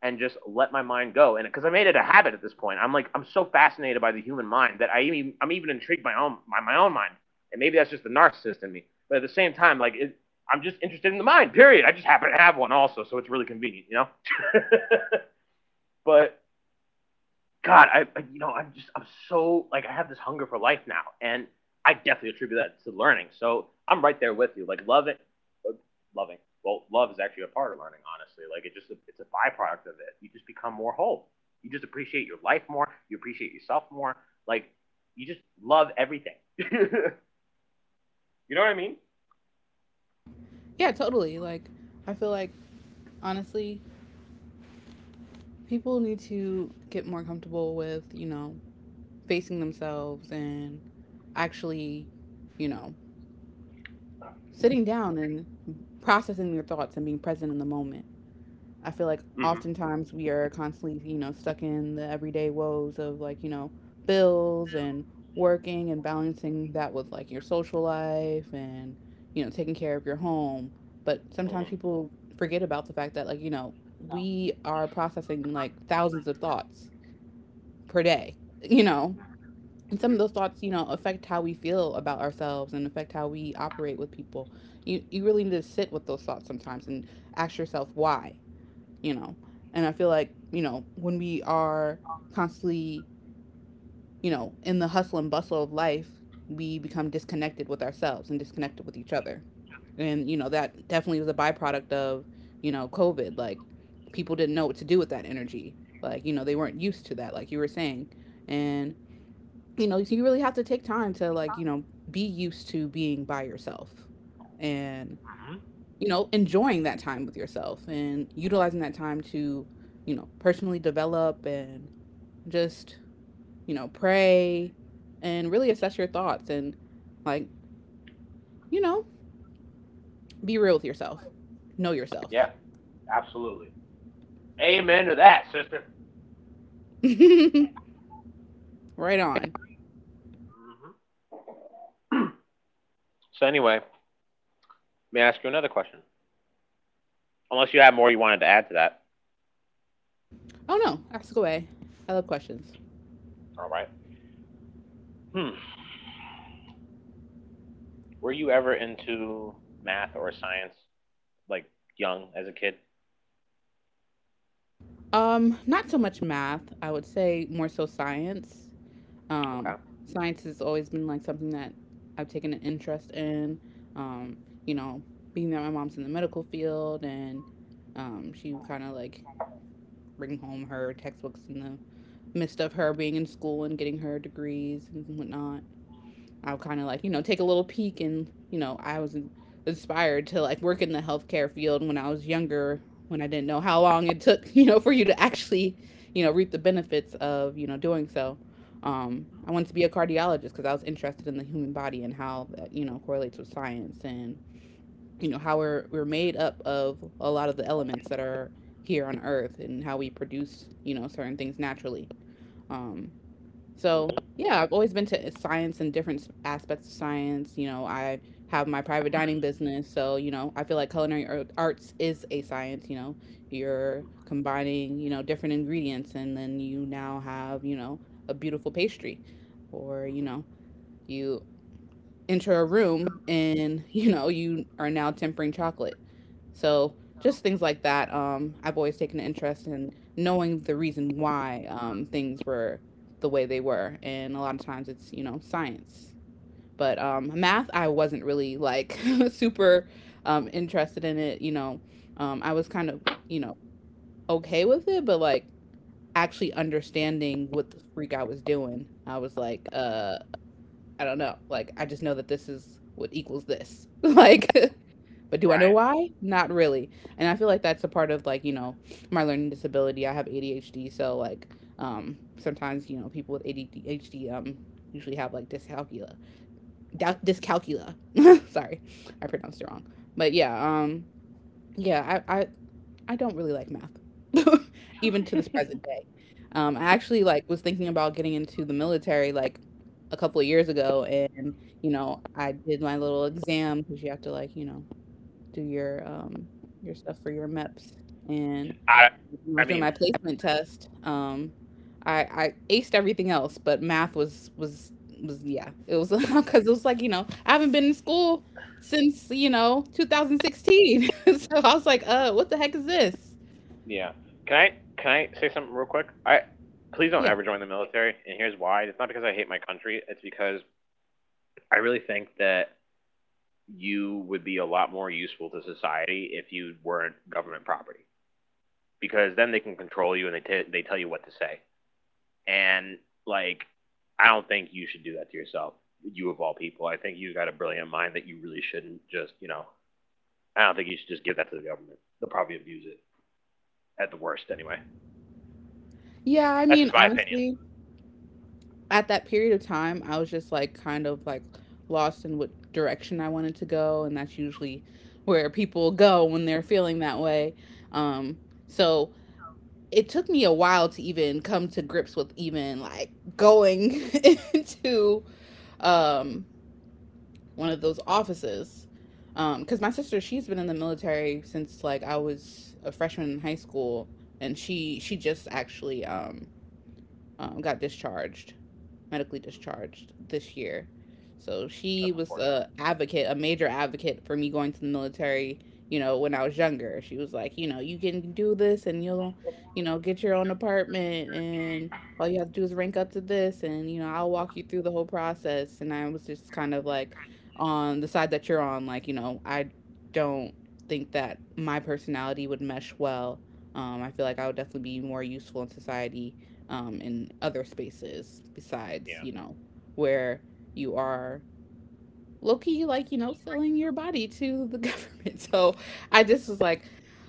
and just let my mind go, and because I made it a habit at this point, I'm like I'm so fascinated by the human mind that I'm even intrigued by my own mind, and maybe that's just the narcissist in me, but at the same time like it, I'm just interested in the mind. Period. I just happen to have one also, so it's really convenient, you know. But God, I'm so like I have this hunger for life now, and I definitely attribute that to learning. So I'm right there with you. Like loving, loving. Well, love is actually a part of learning, honestly. Like it's a byproduct of it. You just become more whole. You just appreciate your life more. You appreciate yourself more. Like you just love everything. You know what I mean?
Yeah, totally. Like, I feel like honestly, people need to get more comfortable with, facing themselves and actually, you know, sitting down and processing their thoughts and being present in the moment. I feel like
Mm-hmm.
oftentimes we are constantly, stuck in the everyday woes of like, bills and working and balancing that with like your social life and, taking care of your home. But sometimes
Mm-hmm.
people forget about the fact that like, we are processing like thousands of thoughts per day, you know. And some of
Mm-hmm.
those thoughts, affect how we feel about ourselves and affect how we operate with people. You really need to sit with those thoughts sometimes and ask yourself why you know. And I feel like, when we are constantly, in the hustle and bustle of life, we become disconnected with ourselves and disconnected with each other. And, that definitely was a byproduct of, COVID. Like, people didn't know what to do with that energy. Like, they weren't used to that, like you were saying. And, so you really have to take time to, like, be used to being by yourself and
Mm-hmm.
enjoying that time with yourself and utilizing that time to, personally develop and just, pray and really assess your thoughts and, like, you know, be real with yourself. Know yourself.
Yeah, absolutely. Amen to that, sister.
Right on.
So anyway, may I ask you another question? Unless you have more you wanted to add to that.
Oh no, ask away. I love questions.
All right. Hmm. Were you ever into math or science, like young as a kid?
Not so much math. I would say more so science.
Okay.
Um, science has always been like something that I've taken an interest in. Um, you know, being that my mom's in the medical field and she would kind of like bring home her textbooks in the midst of her being in school and getting her degrees and whatnot. I'll kind of like, take a little peek and, I was inspired to like work in the healthcare field when I was younger, when I didn't know how long it took, for you to actually, reap the benefits of, doing so. I wanted to be a cardiologist because I was interested in the human body and how that, correlates with science and, how we're made up of a lot of the elements that are here on earth and how we produce, certain things naturally. Um, so,
Mm-hmm.
yeah, I've always been to science and different aspects of science. You know, I have my private dining business. So, you know, I feel like culinary arts is a science. You know, you're combining, you know, different ingredients and then you now have, you know, a beautiful pastry or, you
Mm-hmm.
know, you enter a room and you know you are now tempering chocolate. So just things like that. I've always taken an interest in knowing the reason why things were the way they were, and a lot of times it's, you know, science. But math I wasn't really like super interested in it, you know. I was kind of, you know, okay with it, but like actually understanding what the freak I was doing, I was like, I don't know. Like, I just know that this is what equals this. Like, but do I know
Right.
why? Not really. And I feel like that's a part of like, you know, my learning disability. I have ADHD, so like, sometimes, you know, people with ADHD usually have like dyscalculia. Dyscalculia. Sorry, I pronounced it wrong. But yeah, um, yeah, I, I don't really like math, even to this present day. I actually like was thinking about getting into the military like a couple of years ago, and you know I did my little exam, because you have to, like, you know, do your stuff for your MEPS, and
I.
when I
I
was doing
mean.
my placement test. I aced everything else, but math was yeah. It was because it was like, you know, I haven't been in school since, you know, 2016, so I was like, what the heck is this?
Yeah. Can I? Can I say something real quick? I. Please don't
Yeah.
ever join the military. And here's why. It's not because I hate my country. It's because I really think that you would be a lot more useful to society if you weren't government property. Because then they can control you, and they tell you what to say. And like, I don't think you should do that to yourself. You of all people, I think you got a brilliant mind that you really shouldn't just, I don't think you should just give that to the government. They'll probably abuse it at the worst anyway.
Yeah, I
That's just
mean,
my opinion.
honestly, at that period of time, I was just like kind of like lost in what direction I wanted to go, and that's usually where people go when they're feeling that way. Um, so it took me a while to even come to grips with even like going into um one of those offices. Because my sister, she's been in the military since like I was a freshman in high school, and she just actually got discharged, medically discharged this year. So she
That's
was
unfortunate.
a advocate, a major advocate for me going to the military. You know, when I was younger, she was like, you know, you can do this, and you'll, you know, get your own apartment, and all you have to do is rank up to this, and, you know, I'll walk you through the whole process. And I was just kind of like, on the side that you're on, like, you know, I don't think that my personality would mesh well. I feel like I would definitely be more useful in society in other spaces besides,
Yeah.
you know, where you are low key, like, you know, selling your body to the government. So I just was like,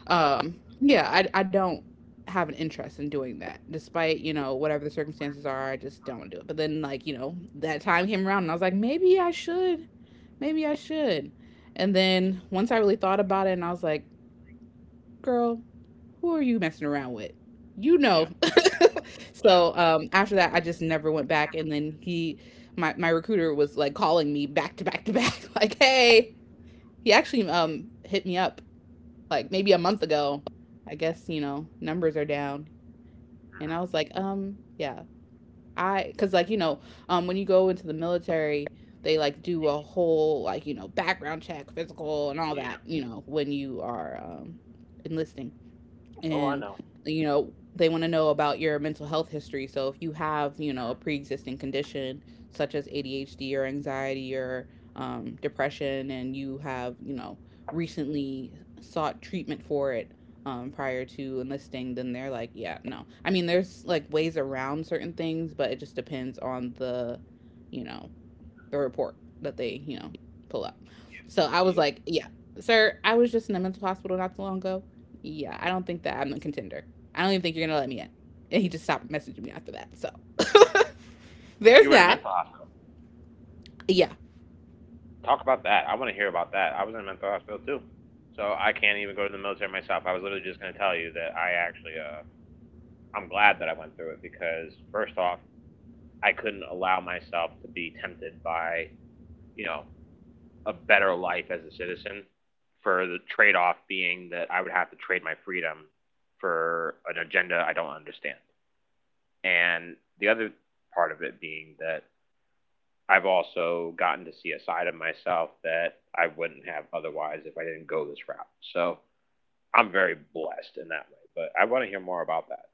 yeah, I don't have an interest in doing that despite, you know, whatever the circumstances are. I just don't want to do it. But then, like, you know, that time came around and I was like, maybe I should. Maybe I should. And then once I really thought about it, and I was like, girl, who are you messing around with? You
Yeah.
know.
Yeah.
So after that, I just never went back. And then he, my recruiter was like calling me back to back to back, like, hey, he actually hit me up like maybe a month ago. I guess, you know, numbers are down. And I was like, yeah, I, cause like, you know, when you go into the military, they like do a whole like, you know, background check, physical and all
Yeah.
that, you know, when you are enlisting,
Oh, I
and
know.
you know they want to know about your mental health history. So if you have, you know, a pre-existing condition such as ADHD or anxiety or depression, and you have, you know, recently sought treatment for it prior to enlisting, then they're like, yeah no, I mean, there's like ways around certain things, but it just depends on the, you know, the report that they, you know, pull up. So I was
Yep.
like, yeah, sir, I was just in a mental hospital not too long ago. Yeah, I don't think that I'm a contender. I don't even think you're gonna let me in. And he just stopped messaging me after that. So there's
You were in a
that.
mental hospital.
Yeah.
Talk about that. I want to hear about that. I was in a mental hospital too. So I can't even go to the military myself. I was literally just going to tell you that I actually, I'm glad that I went through it because first off, I couldn't allow myself to be tempted by, you know, a better life as a citizen for the trade off being that I would have to trade my freedom for an agenda I don't understand. And the other part of it being that I've also gotten to see a side of myself that I wouldn't have otherwise if I didn't go this route. So I'm very blessed in that way. But I want to hear more about that.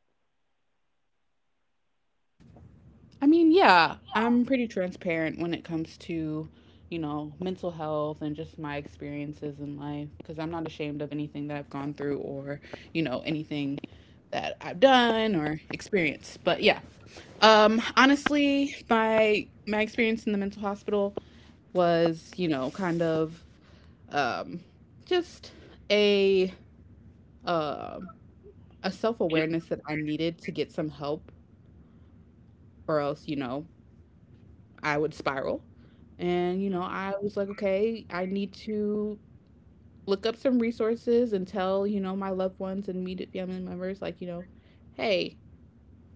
I mean, yeah, I'm pretty transparent when it comes to, you know, mental health and just my experiences in life, because I'm not ashamed of anything that I've gone through or, you know, anything that I've done or experienced. But yeah. Honestly, my experience in the mental hospital was, you know, kind of um just a um a
Can
self-awareness that I needed to get some help or else, you know, I would spiral. And, you know,
mm,
I was like, okay, I need to look up some resources and tell, you know, my loved ones and immediate family members, like, you know, hey,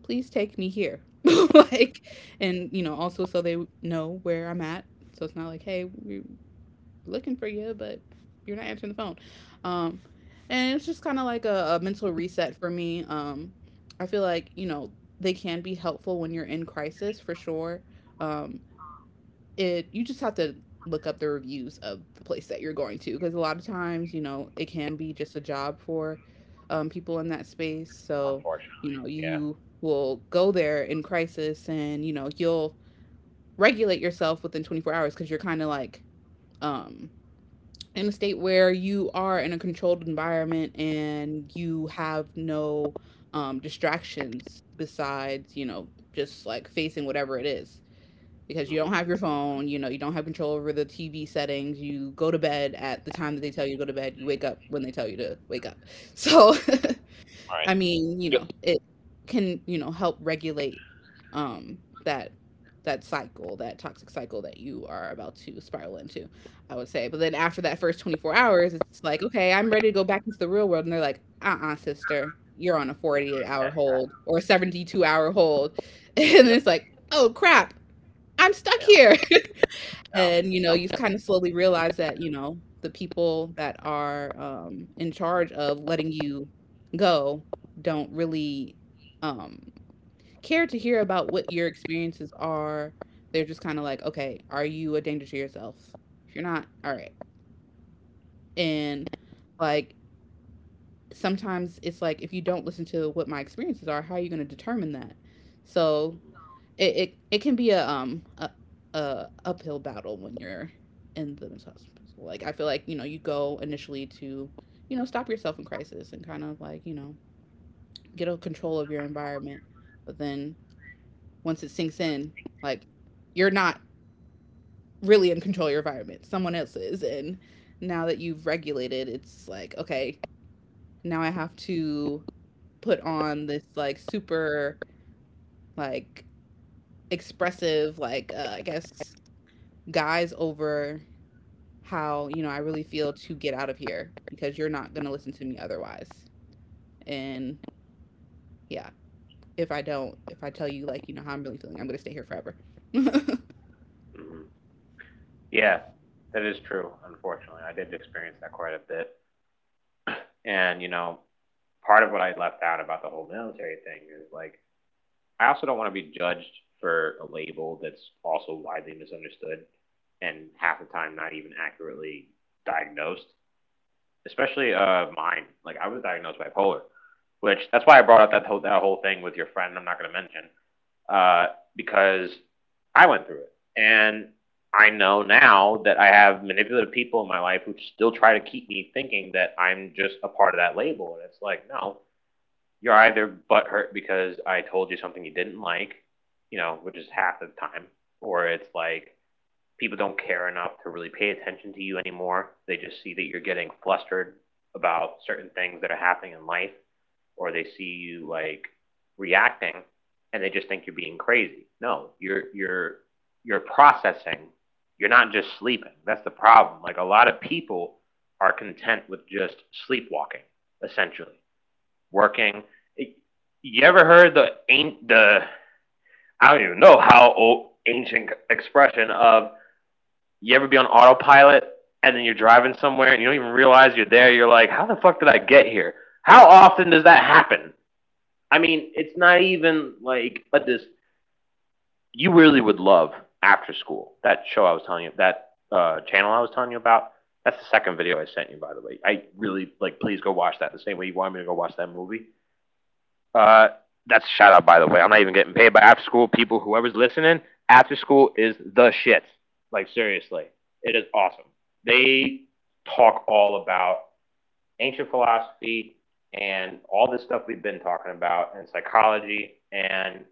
please take me here. Like, and, you know, also so they know where I'm at. So it's not like, hey, we're looking for you, but you're not answering the phone. Um, and it's just kind of like a mental reset for me. I feel like, you know, they can be helpful when you're in crisis for sure. Um, it you just have to look up the reviews of the place that you're going to, because a lot of times, you know, it can be just a job for people in that space. So, you know,
yeah.
you will go there in crisis and, you know, you'll regulate yourself within 24 hours, because you're kind of like um, in a state where you are in a controlled environment, and you have no distractions besides, you know, just like facing whatever it is, because you don't
Mm-hmm.
have your phone, you know, you don't have control over the TV settings. You go to bed at the time that they tell you to go to bed. You wake up when they tell you to wake up. So,
All right.
I mean, you
Yep.
know, it can, you know, help regulate um that that cycle, that toxic cycle that you are about to spiral into, I would say. But then after that first 24 hours, it's like, okay, I'm ready to go back into the real world. And they're like, sister, you're on a 48-hour hold or a 72-hour hold. And
Yep.
it's
Yeah.
like, oh crap, I'm stuck
Yeah.
here. And, you know, you
Yeah.
kind of slowly realize that, you know, the people that are, in charge of letting you go don't really, um, care to hear about what your experiences are. They're just kind of like, "Okay, are you a danger to yourself? If you're not, all right." And, like, sometimes it's like, if you don't listen to what my experiences are, how are you gonna determine that? So it can be a a uphill battle when you're in the mental hospital. Like, I feel like, you know, you go initially to, you know, stop yourself in crisis and kind of like, you know, get a control of your environment, but then once it sinks in, like, you're not really in control of your environment. Someone else is, and now that you've regulated, it's like, okay, now I have to put on this like super like expressive like I guess guise over how, you know, I really feel to get out of here, because you're not going to listen to me otherwise. And yeah, if I don't, if I tell you, like, you know, how I'm really feeling, I'm going to stay here forever. I'm
Mhm. Yeah, that is true. Unfortunately, I did experience that quite a bit. And you know, part of what I left out about the whole military thing is like I also don't want to be judged for a label that's also widely misunderstood and half the time not even accurately diagnosed. Especially mine. Like I was diagnosed bipolar, which that's why I brought up that whole thing with your friend. I'm not going to mention uh, because I went through it. And I know now that I have manipulative people in my life who still try to keep me thinking that I'm just a part of that label. And it's like, no, you're either butthurt because I told you something you didn't like, you know, which is half the time, or it's like people don't care enough to really pay attention to you anymore. They just see that you're getting flustered about certain things that are happening in life, or they see you like reacting, and they just think you're being crazy. No, you're processing. You're not just sleeping. That's the problem. Like a lot of people are content with just sleepwalking, essentially working. You ever heard the ain't the I don't even know how old ancient expression of you ever be on autopilot and then you're driving somewhere and you don't even realize you're there. You're like, how the fuck did I get here? How often does that happen? I mean, it's not even like but this. You really would love After School, that show I was telling you, that channel I was telling you about. That's the second video I sent you, by the way. I really like. Please go watch that. The same way you wanted me to go watch that movie. Uh, that's a shout out, by the way. I'm not even getting paid by After School people. Whoever's listening, After School is the shit. Like seriously, it is awesome. They talk all about ancient philosophy and all this stuff we've been talking about, and psychology and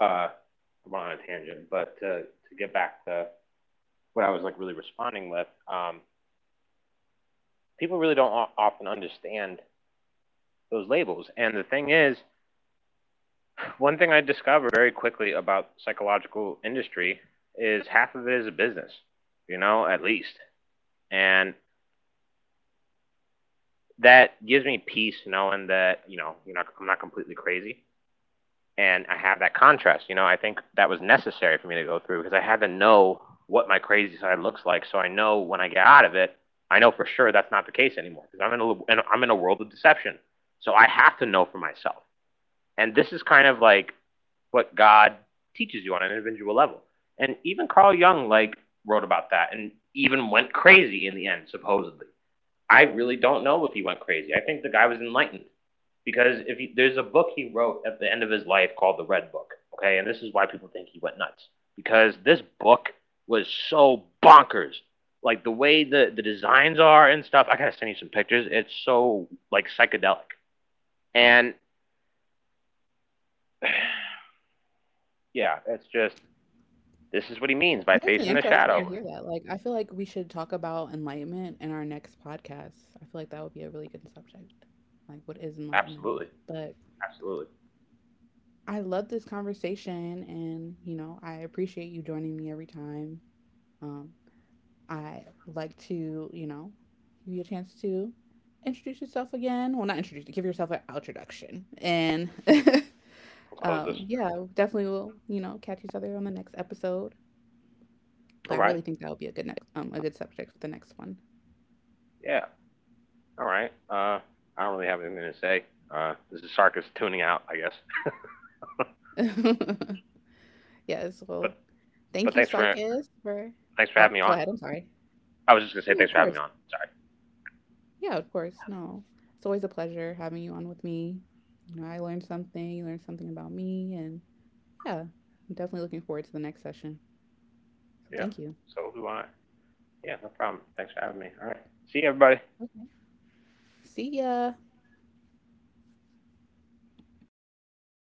I went on a tangent, but to get back to what I was like really responding with, um, people really don't often understand those labels. And the thing is, one thing I discovered very quickly about the psychological industry is half of it is a business, you know, at least. And that gives me peace knowing that, you know, you're not, I'm not completely crazy. And I have that contrast. You know, I think that was necessary for me to go through because I had to know what my crazy side looks like, so I know when I get out of it, I know for sure that's not the case anymore because I'm in a world of deception. So I have to know for myself, and this is kind of like what God teaches you on an individual level. And even Carl Jung like wrote about that, and even went crazy in the end, supposedly. I really don't know if he went crazy. I think the guy was enlightened because if you, there's a book he wrote at the end of his life called the Red Book, okay, and this is why people think he went nuts because this book was so bonkers, like the way the designs are and stuff. I gotta send you some pictures. It's so like psychedelic, and yeah, it's just this is what he means by
definitely
facing the
interested to
shadow.
hear that. Like, I feel like we should talk about enlightenment in our next podcast. I feel like that would be a really good subject. Like, what is enlightenment?
Absolutely,
But
absolutely.
I love this conversation, and you know, I appreciate you joining me every time. Um, I like to, you know, give you a chance to introduce yourself again. Well, not introduce, give yourself an introduction. And
Let's close this.
yeah, definitely will, you know, catch each other on the next episode. But
All
I
right,
really think that would be a good next, a good subject for the next one.
yeah, all right. I don't really have anything to say. This is Sarkis tuning out, I guess.
Yes. Well,
But but
thank you,
thanks for
Sarkis, for.
thanks for having
Oh,
me
go
on.
ahead. I'm sorry.
I was just gonna say
Yeah, of
thanks for having me
course.
on. Sorry.
Yeah, of course. No, it's always a pleasure having you on with me. You know, I learned something. You learned something about me, and yeah, I'm definitely looking forward to the next session.
Yeah.
Thank you.
So do I. Yeah, no problem. Thanks for having me. All right. See you, everybody.
Okay. See ya.